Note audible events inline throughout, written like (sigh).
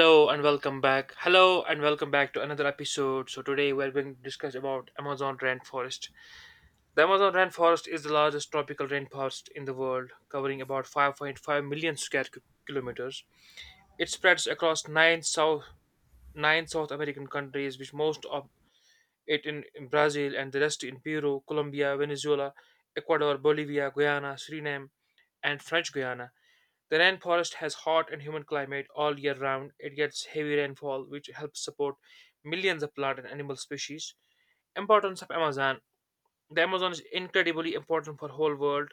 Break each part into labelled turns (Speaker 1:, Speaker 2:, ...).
Speaker 1: Hello and welcome back. Hello and welcome back to another episode. So today we're going to discuss about Amazon rainforest. The Amazon rainforest is the largest tropical rainforest in the world, covering about 5.5 million square kilometers. It spreads across nine South American countries, which most of it in Brazil and the rest in Peru, Colombia, Venezuela, Ecuador, Bolivia, Guyana, Suriname, and French Guiana. The rainforest has hot and humid climate all year round. It gets heavy rainfall, which helps support millions of plant and animal species. Importance of Amazon: the Amazon is incredibly important for whole world.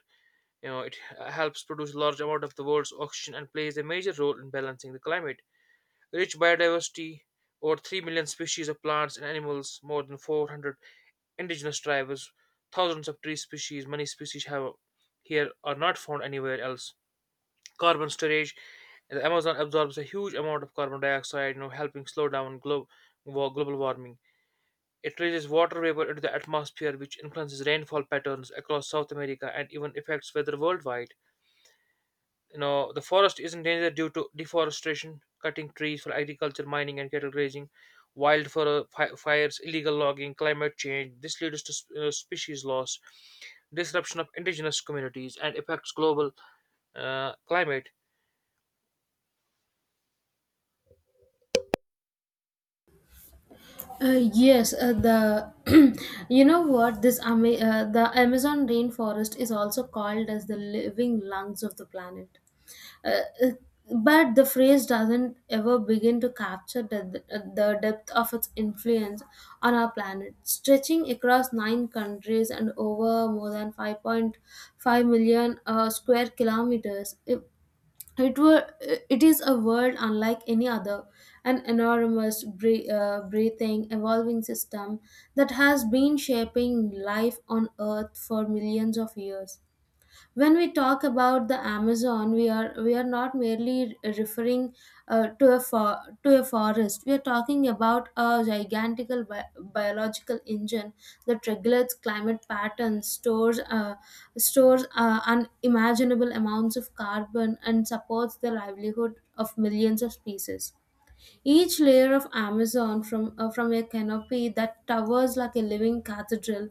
Speaker 1: You know, it helps produce large amount of the world's oxygen and plays a major role in balancing the climate. Rich biodiversity: over 3 million species of plants and animals, more than 400 indigenous tribes, thousands of tree species. Many species have here are not found anywhere else. Carbon storage. The Amazon absorbs a huge amount of carbon dioxide, you know, helping slow down global warming. It releases water vapor into the atmosphere, which influences rainfall patterns across South America and even affects weather worldwide. You know, the forest is in danger due to deforestation, cutting trees for agriculture, mining, and cattle grazing, wildfire fires, illegal logging, climate change. This leads to species loss, disruption of indigenous communities, and affects global climate.
Speaker 2: Yes, the (clears throat) the Amazon rainforest is also called as the living lungs of the planet. Uh, uh, but the phrase doesn't ever begin to capture the depth of its influence on our planet, stretching across nine countries and over more than 5.5 million square kilometers. It is a world unlike any other, an enormous breathing, evolving system that has been shaping life on earth for millions of years. When we talk about the amazon, we are not merely referring to a forest. We are talking about a gigantical biological engine that regulates climate patterns, stores unimaginable amounts of carbon and supports the livelihood of millions of species. Each layer of Amazon, from a canopy that towers like a living cathedral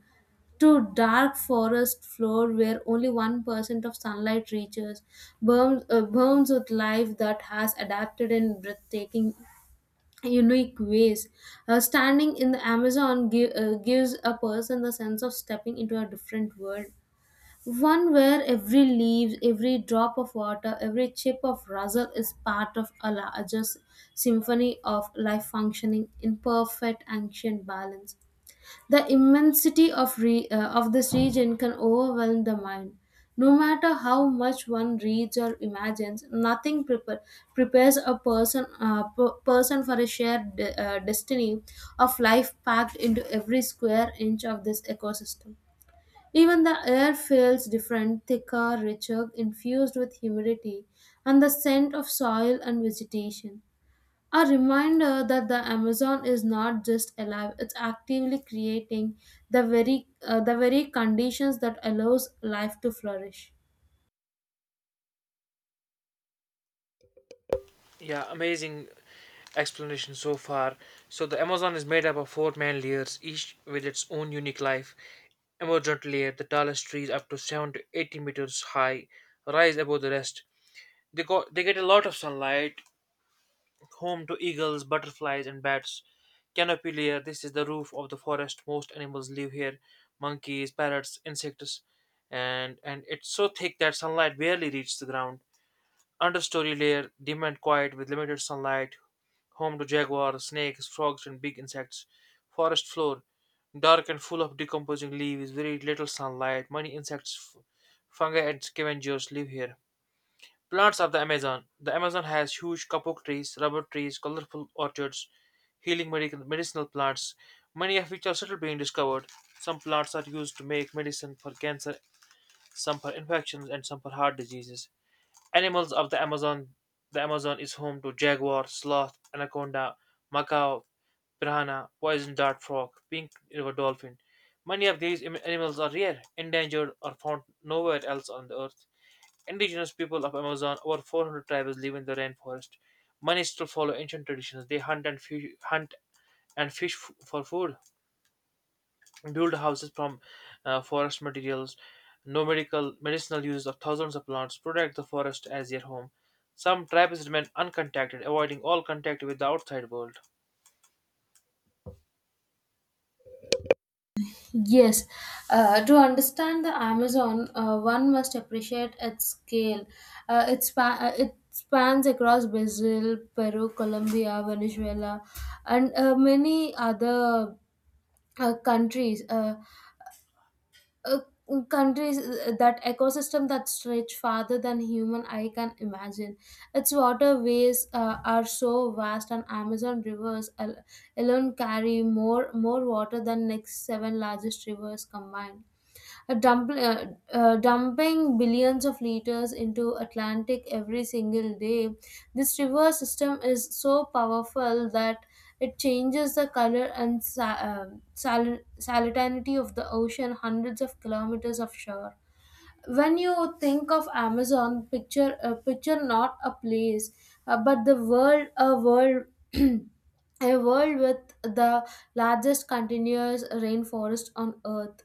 Speaker 2: to dark forest floor where only 1% of sunlight reaches, burns with life that has adapted in breathtaking, unique ways. Standing in the Amazon gives a person the sense of stepping into a different world. One where every leaf, every drop of water, every chip of rustle is part of a larger symphony of life functioning in perfect ancient balance. The immensity of this region can overwhelm the mind. No matter how much one reads or imagines, nothing prepare, prepares a person person for a shared destiny of life packed into every square inch of this ecosystem. Even the air feels different, thicker, richer, infused with humidity and the scent of soil and vegetation. A reminder that the Amazon is not just alive, it's actively creating the very conditions that allows life to flourish.
Speaker 1: Yeah, amazing explanation so far. So the Amazon is made up of four main layers, each with its own unique life. Emergent layer, the tallest trees up to 7 to 80 meters high, rise above the rest. They get a lot of sunlight, home to eagles, butterflies, and bats. Canopy layer, this is the roof of the forest. Most animals live here: monkeys, parrots, insects, and it's so thick that sunlight barely reaches the ground. Understory layer, dim and quiet with limited sunlight. Home to jaguars, snakes, frogs, and big insects. Forest floor, dark and full of decomposing leaves, very little sunlight. Many insects, fungi, and scavengers live here. Plants of the Amazon. The Amazon has huge kapok trees, rubber trees, colorful orchards, healing medicinal plants, many of which are still being discovered. Some plants are used to make medicine for cancer, some for infections, and some for heart diseases. Animals of the Amazon. The Amazon is home to jaguar, sloth, anaconda, macaw, piranha, poison dart frog, pink river dolphin. Many of these animals are rare, endangered, or found nowhere else on the earth. Indigenous people of Amazon, over 400 tribes live in the rainforest. Many still follow ancient traditions. They hunt and fish for food, build houses from forest materials, no medical medicinal uses of thousands of plants, protect the forest as their home. Some tribes remain uncontacted, avoiding all contact with the outside world.
Speaker 2: Yes, to understand the Amazon, one must appreciate its scale. It spans across Brazil, Peru, Colombia, Venezuela, and many other countries. Uh, Countries that ecosystem that stretch farther than human eye can imagine. Its waterways are so vast, and Amazon rivers alone carry more water than next seven largest rivers combined, a dump, uh, dumping billions of liters into Atlantic every single day. This river system is so powerful that it changes the color and salinity of the ocean hundreds of kilometers of shore. When you think of Amazon, picture not a place, but the world, a world, (clears throat) a world with the largest continuous rainforest on Earth.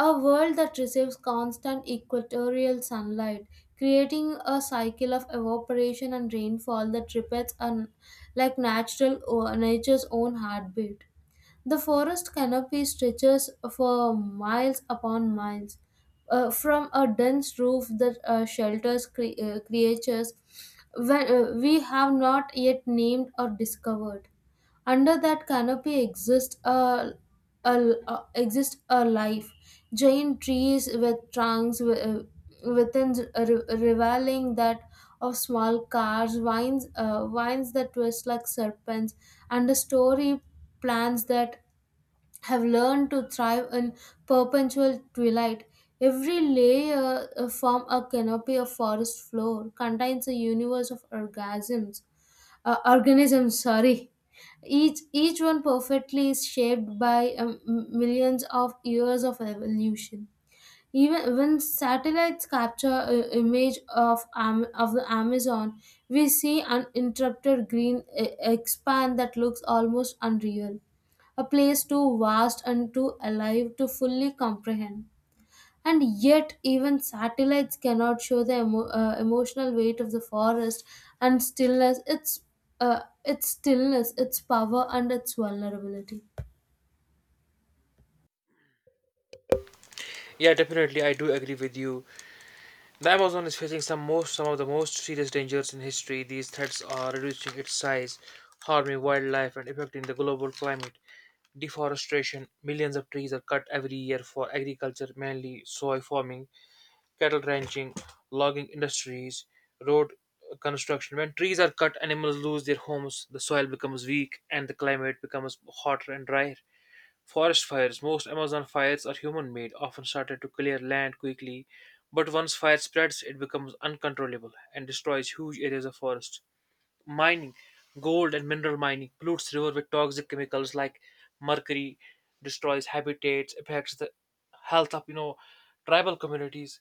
Speaker 2: A world that receives constant equatorial sunlight, creating a cycle of evaporation and rainfall that repeats like natural or nature's own heartbeat. The forest canopy stretches for miles upon miles, from a dense roof that shelters creatures when, we have not yet named or discovered. Under that canopy a, exist a life. Giant trees with trunks revealing that of small cars, vines that twist like serpents, and the story plants that have learned to thrive in perpetual twilight. Every layer form a canopy of forest floor, contains a universe of orgasms organisms, sorry. Each one perfectly is shaped by millions of years of evolution. Even when satellites capture an image of of the amazon, we see an interrupted green expand that looks almost unreal, a place too vast and too alive to fully comprehend, and yet even satellites cannot show the emotional weight of the forest and stillness, its stillness, its power and its vulnerability.
Speaker 1: Yeah, definitely, I do agree with you. The Amazon is facing some of the most serious dangers in history. These threats are reducing its size, harming wildlife, and affecting the global climate. Deforestation: millions of trees are cut every year for agriculture, mainly soy farming, cattle ranching, logging industries, road construction. When trees are cut, animals lose their homes, the soil becomes weak, and the climate becomes hotter and drier. Forest fires. Most Amazon fires are human made, often started to clear land quickly, but once fire spreads, it becomes uncontrollable and destroys huge areas of forest. Mining. Gold and mineral mining pollutes river with toxic chemicals like mercury, destroys habitats, affects the health of, you know, tribal communities.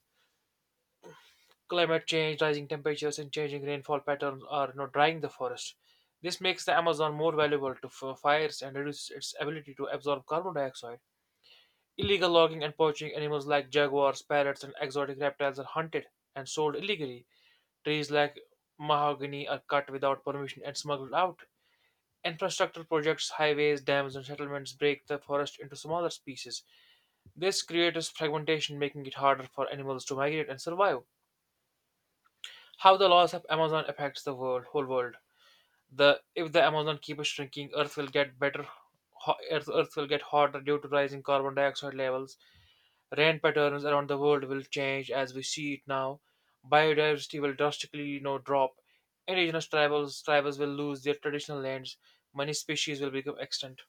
Speaker 1: Climate change, rising temperatures, and changing rainfall patterns are, you know, drying the forest. This makes the Amazon more valuable to fires and reduces its ability to absorb carbon dioxide. Illegal logging and poaching. Animals like jaguars, parrots, and exotic reptiles are hunted and sold illegally. Trees like mahogany are cut without permission and smuggled out. Infrastructure projects, highways, dams, and settlements break the forest into smaller pieces. This creates fragmentation, making it harder for animals to migrate and survive. How the loss of Amazon affects the world, whole world. The If the Amazon keeps shrinking, Earth will get better. Earth will get hotter due to rising carbon dioxide levels. Rain patterns around the world will change as we see it now. Biodiversity will drastically, you know, drop. Indigenous tribals tribes will lose their traditional lands. Many species will become extinct.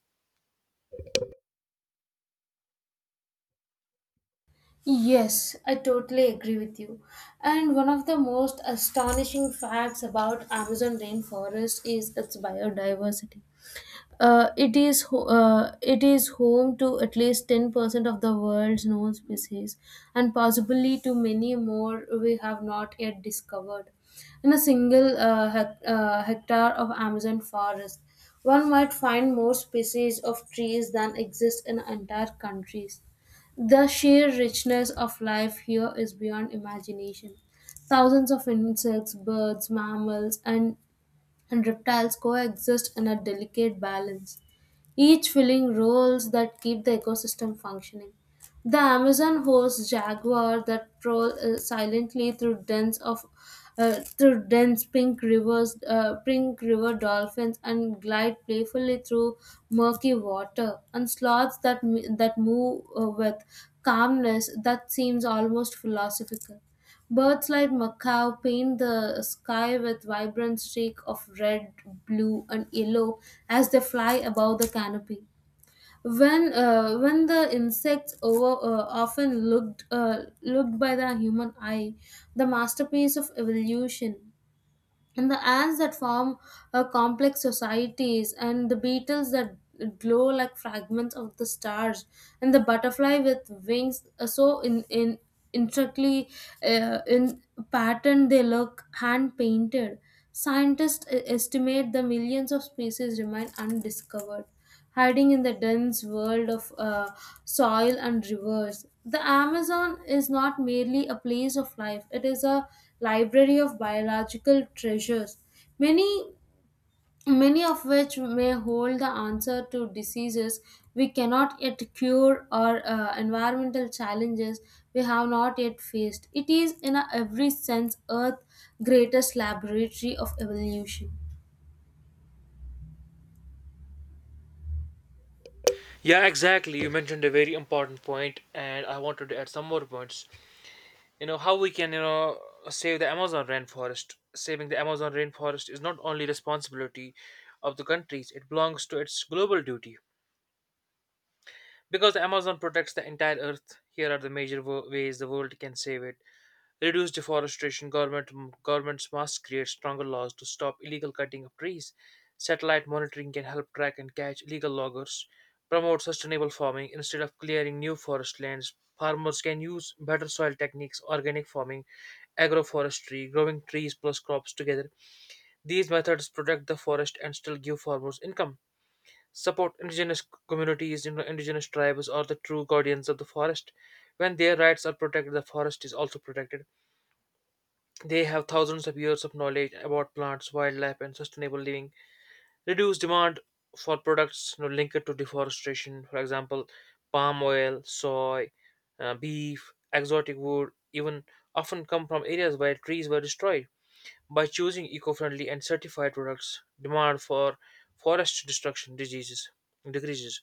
Speaker 2: Yes, I totally agree with you. And one of the most astonishing facts about Amazon rainforest is its biodiversity. It is home to at least 10% of the world's known species and possibly to many more we have not yet discovered. In a single hectare of Amazon forest, one might find more species of trees than exist in entire countries. The sheer richness of life here is beyond imagination. Thousands of insects, birds, mammals, and reptiles coexist in a delicate balance, each filling roles that keep the ecosystem functioning. The Amazon hosts jaguar that prowl silently through dens of through dense pink rivers, pink river dolphins, and glide playfully through murky water, and sloths that move with calmness that seems almost philosophical. Birds like macaw paint the sky with vibrant streaks of red, blue, and yellow as they fly above the canopy when the insects over often looked by the human eye, the masterpiece of evolution, and the ants that form complex societies, and the beetles that glow like fragments of the stars, and the butterfly with wings so in intricately in pattern they look hand painted. Scientists estimate the millions of species remain undiscovered, hiding in the dense world of soil and rivers. The Amazon is not merely a place of life, it is a library of biological treasures, many, many of which may hold the answer to diseases we cannot yet cure or environmental challenges we have not yet faced. It is, in a every sense, Earth's greatest laboratory of evolution.
Speaker 1: Yeah, exactly. You mentioned a very important point, and I wanted to add some more points. You know how we can, you know, save the Amazon rainforest. Saving the Amazon rainforest is not only responsibility of the countries; it belongs to its global duty. Because the Amazon protects the entire Earth, here are the major ways the world can save it. Reduce deforestation. Governments must create stronger laws to stop illegal cutting of trees. Satellite monitoring can help track and catch illegal loggers. Promote sustainable farming instead of clearing new forest lands. Farmers can use better soil techniques, organic farming, agroforestry, growing trees plus crops together. These methods protect the forest and still give farmers income. Support indigenous communities. You know, indigenous tribes are the true guardians of the forest. When their rights are protected, the forest is also protected. They have thousands of years of knowledge about plants, wildlife, and sustainable living. Reduce demand for products, you know, linked to deforestation, for example, palm oil, soy, beef, exotic wood, even often come from areas where trees were destroyed. By choosing eco-friendly and certified products, demand for forest destruction diseases decreases.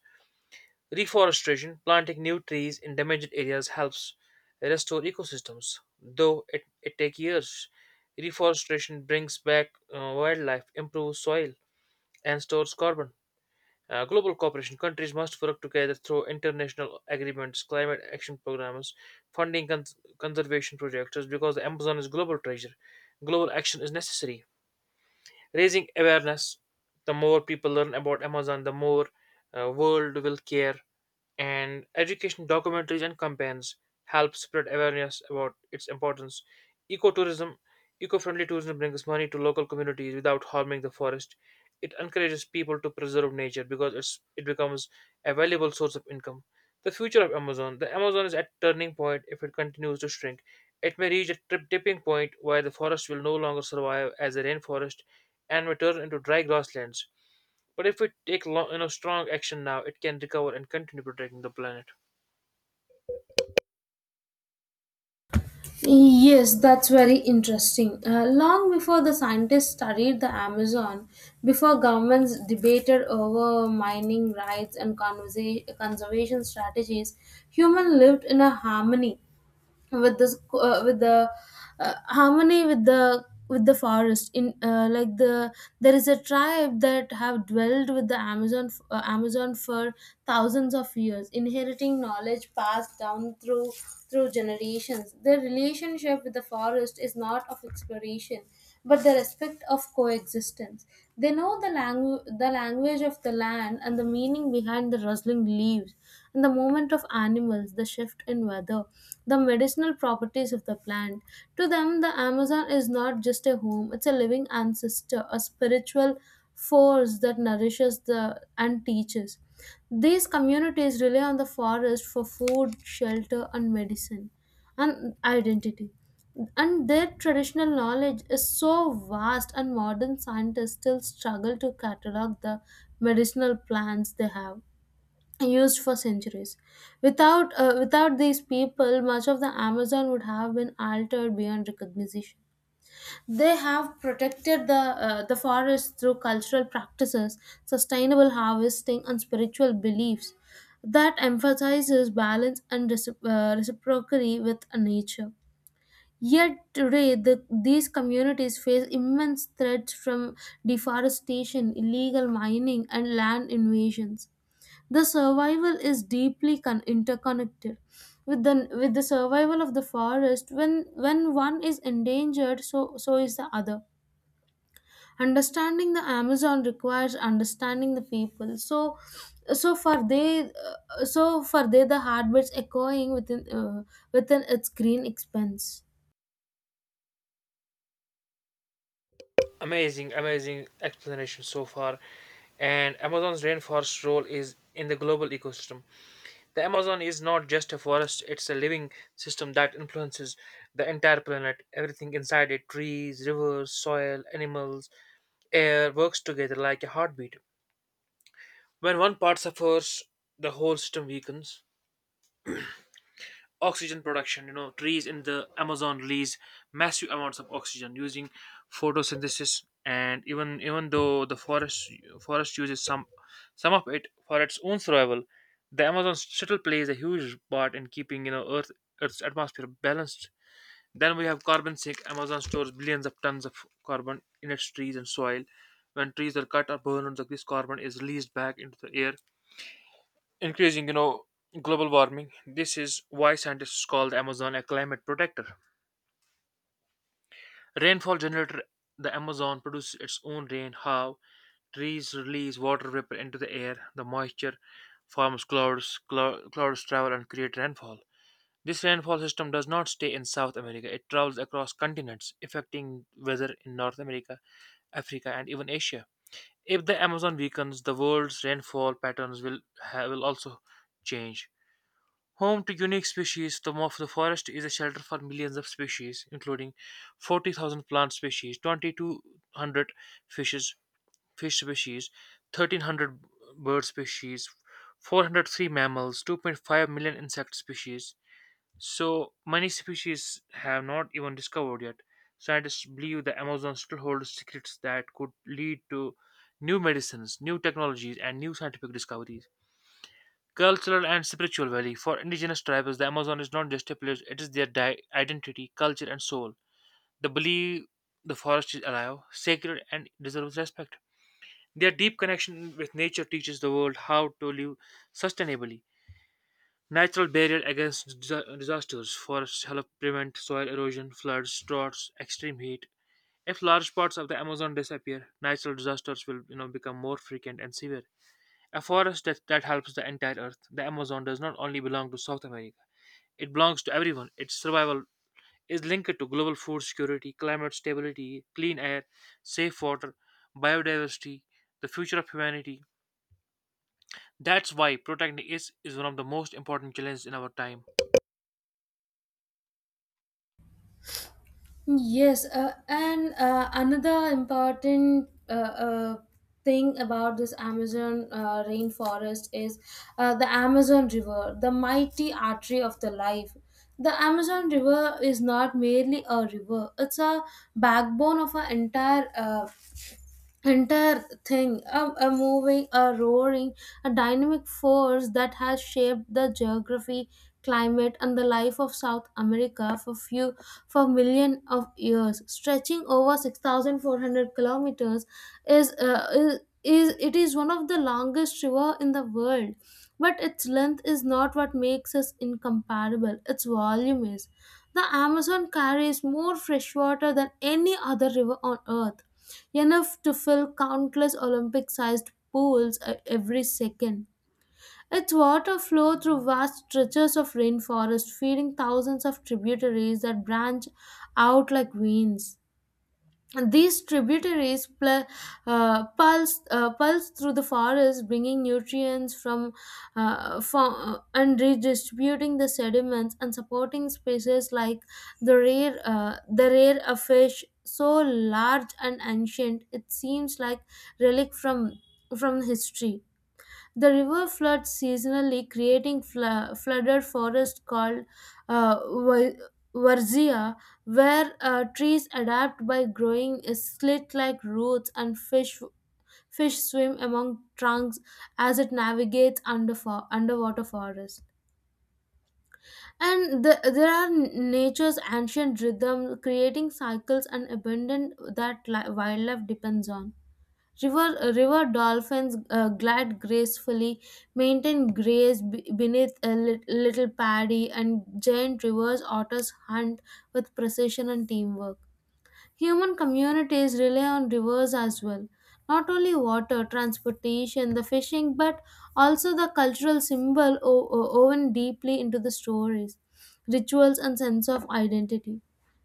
Speaker 1: Reforestation, planting new trees in damaged areas helps restore ecosystems, though it takes years. Reforestation brings back wildlife, improves soil, and stores carbon. Global cooperation. Countries must work together through international agreements, climate action programs, funding conservation projects because the Amazon is global treasure. Global action is necessary. Raising awareness. The more people learn about Amazon, the more world will care, and education documentaries and campaigns help spread awareness about its importance. Ecotourism, eco-friendly tourism brings money to local communities without harming the forest. It encourages people to preserve nature because it becomes a valuable source of income. The future of Amazon. The Amazon is at turning point if it continues to shrink. It may reach a trip tipping point where the forest will no longer survive as a rainforest and may turn into dry grasslands. But if we take you know strong action now, it can recover and continue protecting the planet.
Speaker 2: Yes, that's very interesting. Long before the scientists studied the Amazon, before governments debated over mining rights and conservation strategies, humans lived in a harmony with this with the harmony with the forest. In like the There is a tribe that have dwelled with the amazon for thousands of years, inheriting knowledge passed down through generations. Their relationship with the forest is not of exploration but the respect of coexistence. They know the the language of the land and the meaning behind the rustling leaves and the movement of animals, the shift in weather, the medicinal properties of the plant. To them, the Amazon is not just a home, it's a living ancestor, a spiritual force that nourishes the and teaches. These communities rely on the forest for food, shelter, and medicine and identity. And their traditional knowledge is so vast, and modern scientists still struggle to catalog the medicinal plants they have used for centuries. Without these people, much of the Amazon would have been altered beyond recognition. They have protected the forest through cultural practices, sustainable harvesting, and spiritual beliefs that emphasizes balance and reciprocity with nature. Yet today, these communities face immense threats from deforestation, illegal mining, and land invasions. The survival is deeply interconnected with the survival of the forest. When one is endangered, so is the other. Understanding the amazon requires understanding the people, so for they the heartbeats echoing within within its green expanse.
Speaker 1: Amazing, amazing explanation so far. And Amazon's rainforest role is in the global ecosystem. The Amazon is not just a forest; it's a living system that influences the entire planet. Everything inside it, trees, rivers, soil, animals, air, works together like a heartbeat. When one part suffers, the whole system weakens. Oxygen production. You know, trees in the Amazon release massive amounts of oxygen using photosynthesis, and even though the forest uses some of it for its own survival, the Amazon still plays a huge part in keeping, you know, Earth's atmosphere balanced. Then we have carbon sink. Amazon stores billions of tons of carbon in its trees and soil. When trees are cut or burned, this carbon is released back into the air, increasing, you know, global warming. This is why scientists call the Amazon a climate protector. Rainfall generator. The Amazon produces its own rain. How? Trees release water vapor into the air. The moisture forms clouds. Clouds travel and create rainfall. This rainfall system does not stay in South America. It travels across continents, affecting weather in North America, Africa, and even Asia. If the Amazon weakens, the world's rainfall patterns will also change. Home to unique species, the forest is a shelter for millions of species, including 40,000 plant species, 2,200 fishes, fish species, 1,300 bird species, 403 mammals, 2.5 million insect species. So many species have not even discovered yet. Scientists believe the Amazon still holds secrets that could lead to new medicines, new technologies, and new scientific discoveries. Cultural and spiritual value. For indigenous tribes, the Amazon is not just a place, it is their identity, culture, and soul. They believe the forest is alive, sacred, and deserves respect. Their deep connection with nature teaches the world how to live sustainably. Natural barrier against disasters. Forests help prevent soil erosion, floods, droughts, extreme heat. If large parts of the Amazon disappear, natural disasters will, you know, become more frequent and severe. A forest that helps the entire earth. The Amazon does not only belong to South America. It belongs to everyone. Its survival is linked to global food security, climate stability, clean air, safe water, biodiversity, the future of humanity. That's why protecting it is one of the most important challenges in our time.
Speaker 2: Yes, and Another important thing about this Amazon rainforest is the Amazon River, the mighty artery of the life. The Amazon River is not merely a river; it's a backbone of our entire entire thing, a moving, a roaring, a dynamic force that has shaped the geography, climate, and the life of south america for few for million of years, stretching over 6,400 kilometers. Is It is one of the longest river in the world, but its length is not what makes us incomparable, its volume is. The amazon carries more fresh water than any other river on earth, enough to fill countless Olympic sized pools every second. Its water flows through vast stretches of rainforest, feeding thousands of tributaries that branch out like veins. These pulse through the forest, bringing nutrients from and redistributing the sediments and supporting species like the rare fish so large and ancient it seems like relic from history. The river floods seasonally, creating flooded forest called uh, Wa- Varzea, where trees adapt by growing slit-like roots, and fish swim among trunks as it navigates under underwater forest. And the, there are nature's ancient rhythm, creating cycles and abundance that wildlife depends on. River dolphins glide gracefully, maintain graze beneath a little paddy, and giant rivers otters hunt with precision and teamwork. Human communities rely on rivers as well. Not only water, transportation, the fishing, but also the cultural symbol woven deeply into the stories, rituals, and sense of identity.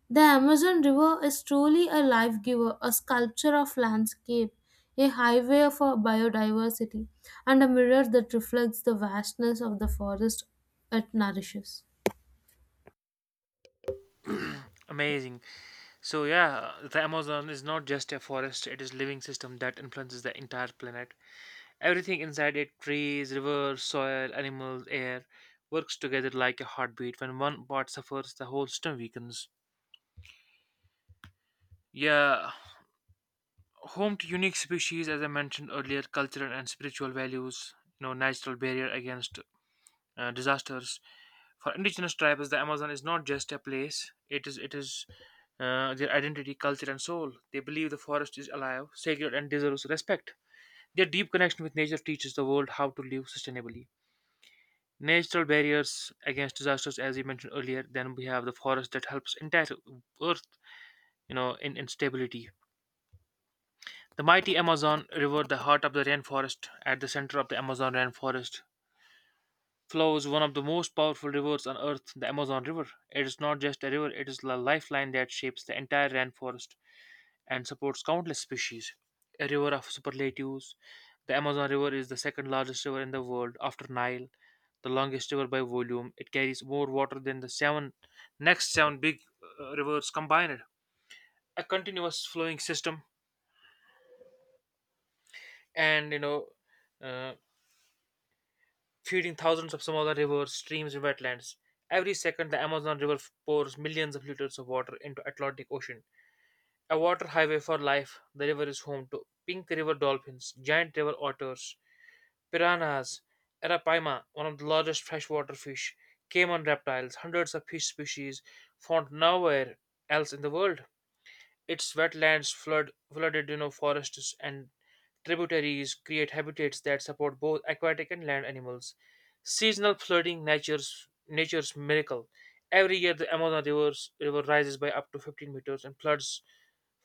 Speaker 2: The Amazon River is truly a life giver, a sculpture of landscape, a highway for biodiversity, and a mirror that reflects the vastness of the forest it nourishes.
Speaker 1: Amazing. So yeah, the Amazon is not just a forest, it is living system that influences the entire planet. Everything inside it, trees, rivers, soil, animals, air, works together like a heartbeat. When one part suffers, the whole system weakens. Yeah, home to unique species, as I mentioned earlier, cultural and spiritual values, natural barrier against disasters. For indigenous tribes, the Amazon is not just a place; it is their identity, culture, and soul. They believe the forest is alive, sacred, and deserves respect. Their deep connection with nature teaches the world how to live sustainably. Natural barriers against disasters, as you mentioned earlier, then we have the forest that helps entire Earth, in stability. The mighty Amazon River, the heart of the rainforest. At the center of the Amazon rainforest, flows one of the most powerful rivers on earth, the Amazon River. It is not just a river, it is the lifeline that shapes the entire rainforest and supports countless species. A river of superlatives, the Amazon River is the second largest river in the world after Nile, the longest river by volume. It carries more water than the seven next seven big rivers combined. A continuous flowing system and uh, feeding thousands of smaller rivers, streams, and wetlands. Every second, the Amazon River pours millions of liters of water into Atlantic Ocean. A water highway for life, the river is home to pink river dolphins, giant river otters, piranhas, arapaima, one of the largest freshwater fish, caiman reptiles, hundreds of fish species found nowhere else in the world. Its wetlands flood flooded, forests and tributaries create habitats that support both aquatic and land animals. Seasonal flooding, nature's miracle. Every year, the Amazon rivers, river rises by up to 15 meters and floods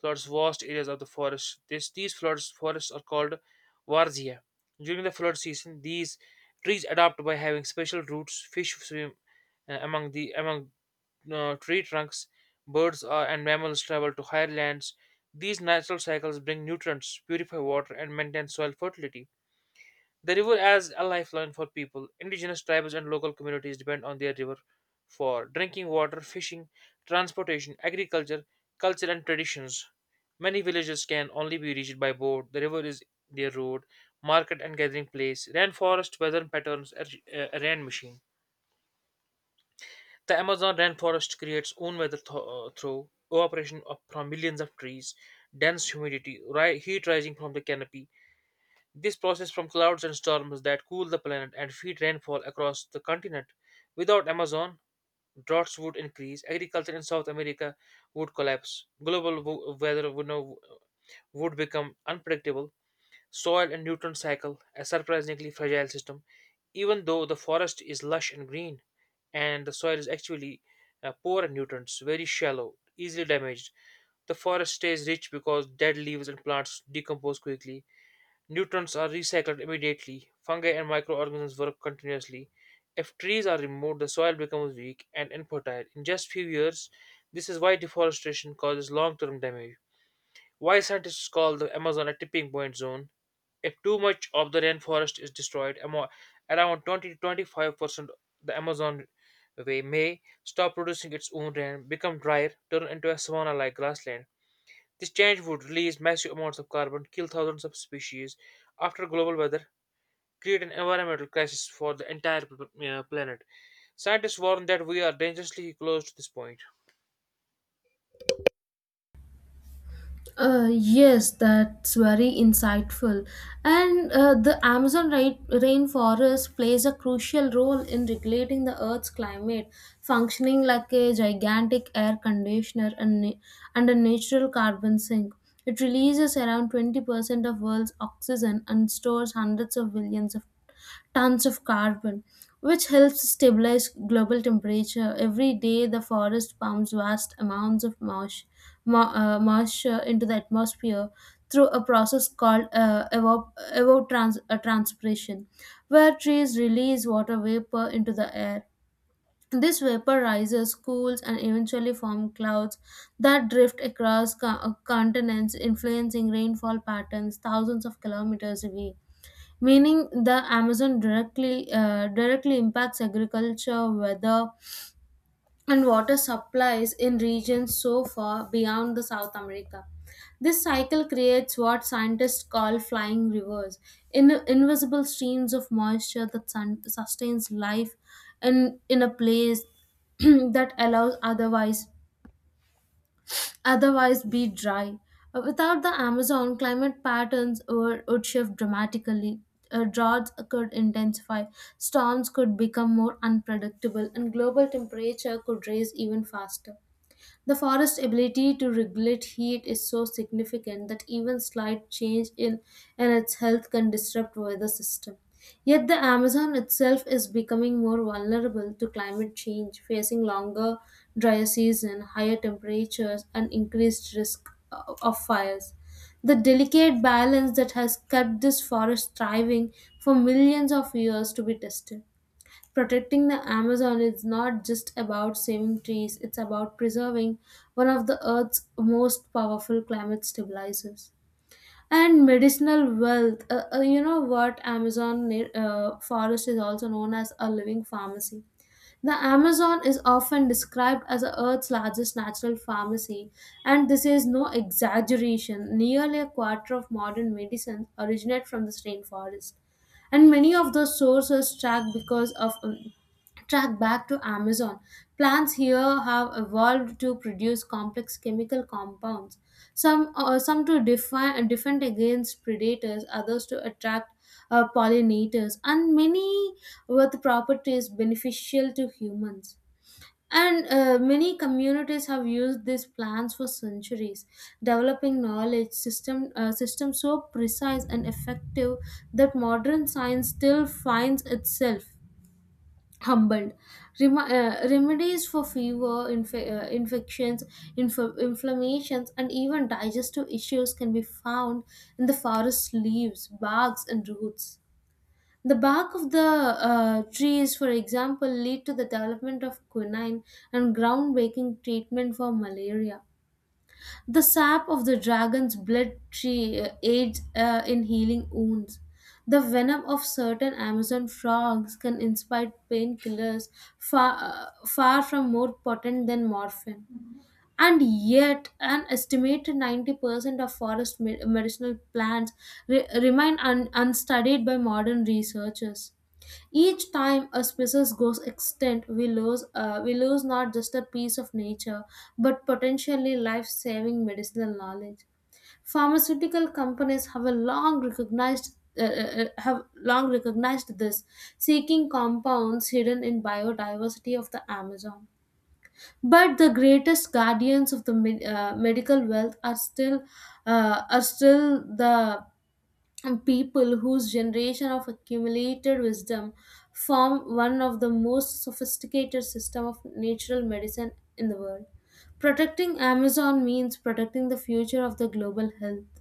Speaker 1: floods vast areas of the forest. This, these floods forests are called varzia. During the flood season, these trees adapt by having special roots. Fish swim among tree trunks, birds and mammals travel to higher lands. These natural cycles bring nutrients, purify water, and maintain soil fertility. The river as a lifeline for people. Indigenous tribes and local communities depend on their river for drinking water, fishing, transportation, agriculture, culture, and traditions. Many villages can only be reached by boat. The river is their road, market, and gathering place. Rainforest, weather patterns, a rain machine. The Amazon rainforest creates own weather through evaporation of, from millions of trees, dense humidity, heat rising from the canopy. This process from clouds and storms that cool the planet and feed rainfall across the continent. Without Amazon, droughts would increase, agriculture in South America would collapse, global weather would, now, would become unpredictable. Soil and nutrient cycle, a surprisingly fragile system. Even though the forest is lush and green, and the soil is actually poor in nutrients, very shallow, easily damaged, the forest stays rich because dead leaves and plants decompose quickly. Nutrients are recycled immediately. Fungi and microorganisms work continuously. If trees are removed, the soil becomes weak and infertile. In just few years, this is why deforestation causes long-term damage. Why scientists call the Amazon a tipping point zone if too much of the rainforest is destroyed, around 20 to 25% the Amazon way may stop producing its own rain, become drier, turn into a savanna like grassland. This change would release massive amounts of carbon, kill thousands of species after global weather, create an environmental crisis for the entire planet. Scientists warn that we are dangerously close to this point.
Speaker 2: Yes, that's very insightful. And The Amazon rainforest plays a crucial role in regulating the Earth's climate, functioning like a gigantic air conditioner and a natural carbon sink. It releases around 20% of world's oxygen and stores hundreds of billions of tons of carbon, which helps stabilize global temperature. Every day, the forest pumps vast amounts of moisture moisture into the atmosphere through a process called transpiration, where trees release water vapor into the air. This vapor rises, cools, and eventually form clouds that drift across continents, influencing rainfall patterns thousands of kilometers away. Meaning, the Amazon directly impacts agriculture, weather, and water supplies in regions so far beyond the South America. This cycle creates what scientists call flying rivers, in invisible streams of moisture that sustains life in a place (clears throat) that allows otherwise otherwise be dry. Without the Amazon, climate patterns would shift dramatically. Droughts could intensify, storms could become more unpredictable, and global temperature could rise even faster. The forest's ability to regulate heat is so significant that even slight change in its health can disrupt weather system. Yet the Amazon itself is becoming more vulnerable to climate change, facing longer drier season, higher temperatures, and increased risk of fires. The delicate balance that has kept this forest thriving for millions of years to be tested. Protecting the Amazon is not just about saving trees, it's about preserving one of the Earth's most powerful climate stabilizers. And medicinal wealth. You know what? Amazon forest is also known as a living pharmacy. The Amazon is often described as the Earth's largest natural pharmacy, and this is no exaggeration. Nearly a quarter of modern medicines originate from this rainforest and many of those sources track because of track back to Amazon. Plants here have evolved to produce complex chemical compounds, some to define, defend against predators, others to attract pollinators, and many with properties beneficial to humans. And Many communities have used these plans for centuries, developing knowledge system systems so precise and effective that modern science still finds itself humbled. Remedies for fever, infections, inflammations, and even digestive issues can be found in the forest leaves, barks, and roots. The bark of the trees, for example, lead to the development of quinine and groundbreaking treatment for malaria. The sap of the dragon's blood tree aids in healing wounds. The venom of certain Amazon frogs can inspire painkillers far from more potent than morphine. And yet an estimated 90% of forest medicinal plants remain unstudied by modern researchers. Each time a species goes extinct, we lose not just a piece of nature but potentially life-saving medicinal knowledge. Pharmaceutical companies have long recognized this, seeking compounds hidden in biodiversity of the Amazon. But the greatest guardians of the medical wealth are still the people whose generation of accumulated wisdom form one of the most sophisticated system of natural medicine in the world. Protecting Amazon means protecting the future of the global health.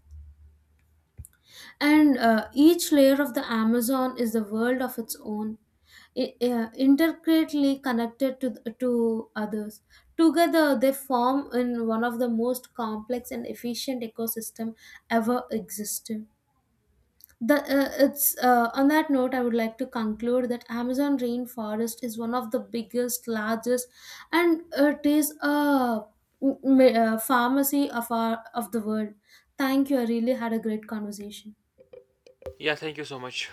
Speaker 2: And Each layer of the Amazon is the world of its own, intricately connected to others. Together, they form in one of the most complex and efficient ecosystem ever existed. The, it's On that note, I would like to conclude that Amazon rainforest is one of the biggest, largest, and it is m- a pharmacy of the world. Thank you. I really had a great conversation.
Speaker 1: Yeah, thank you so much.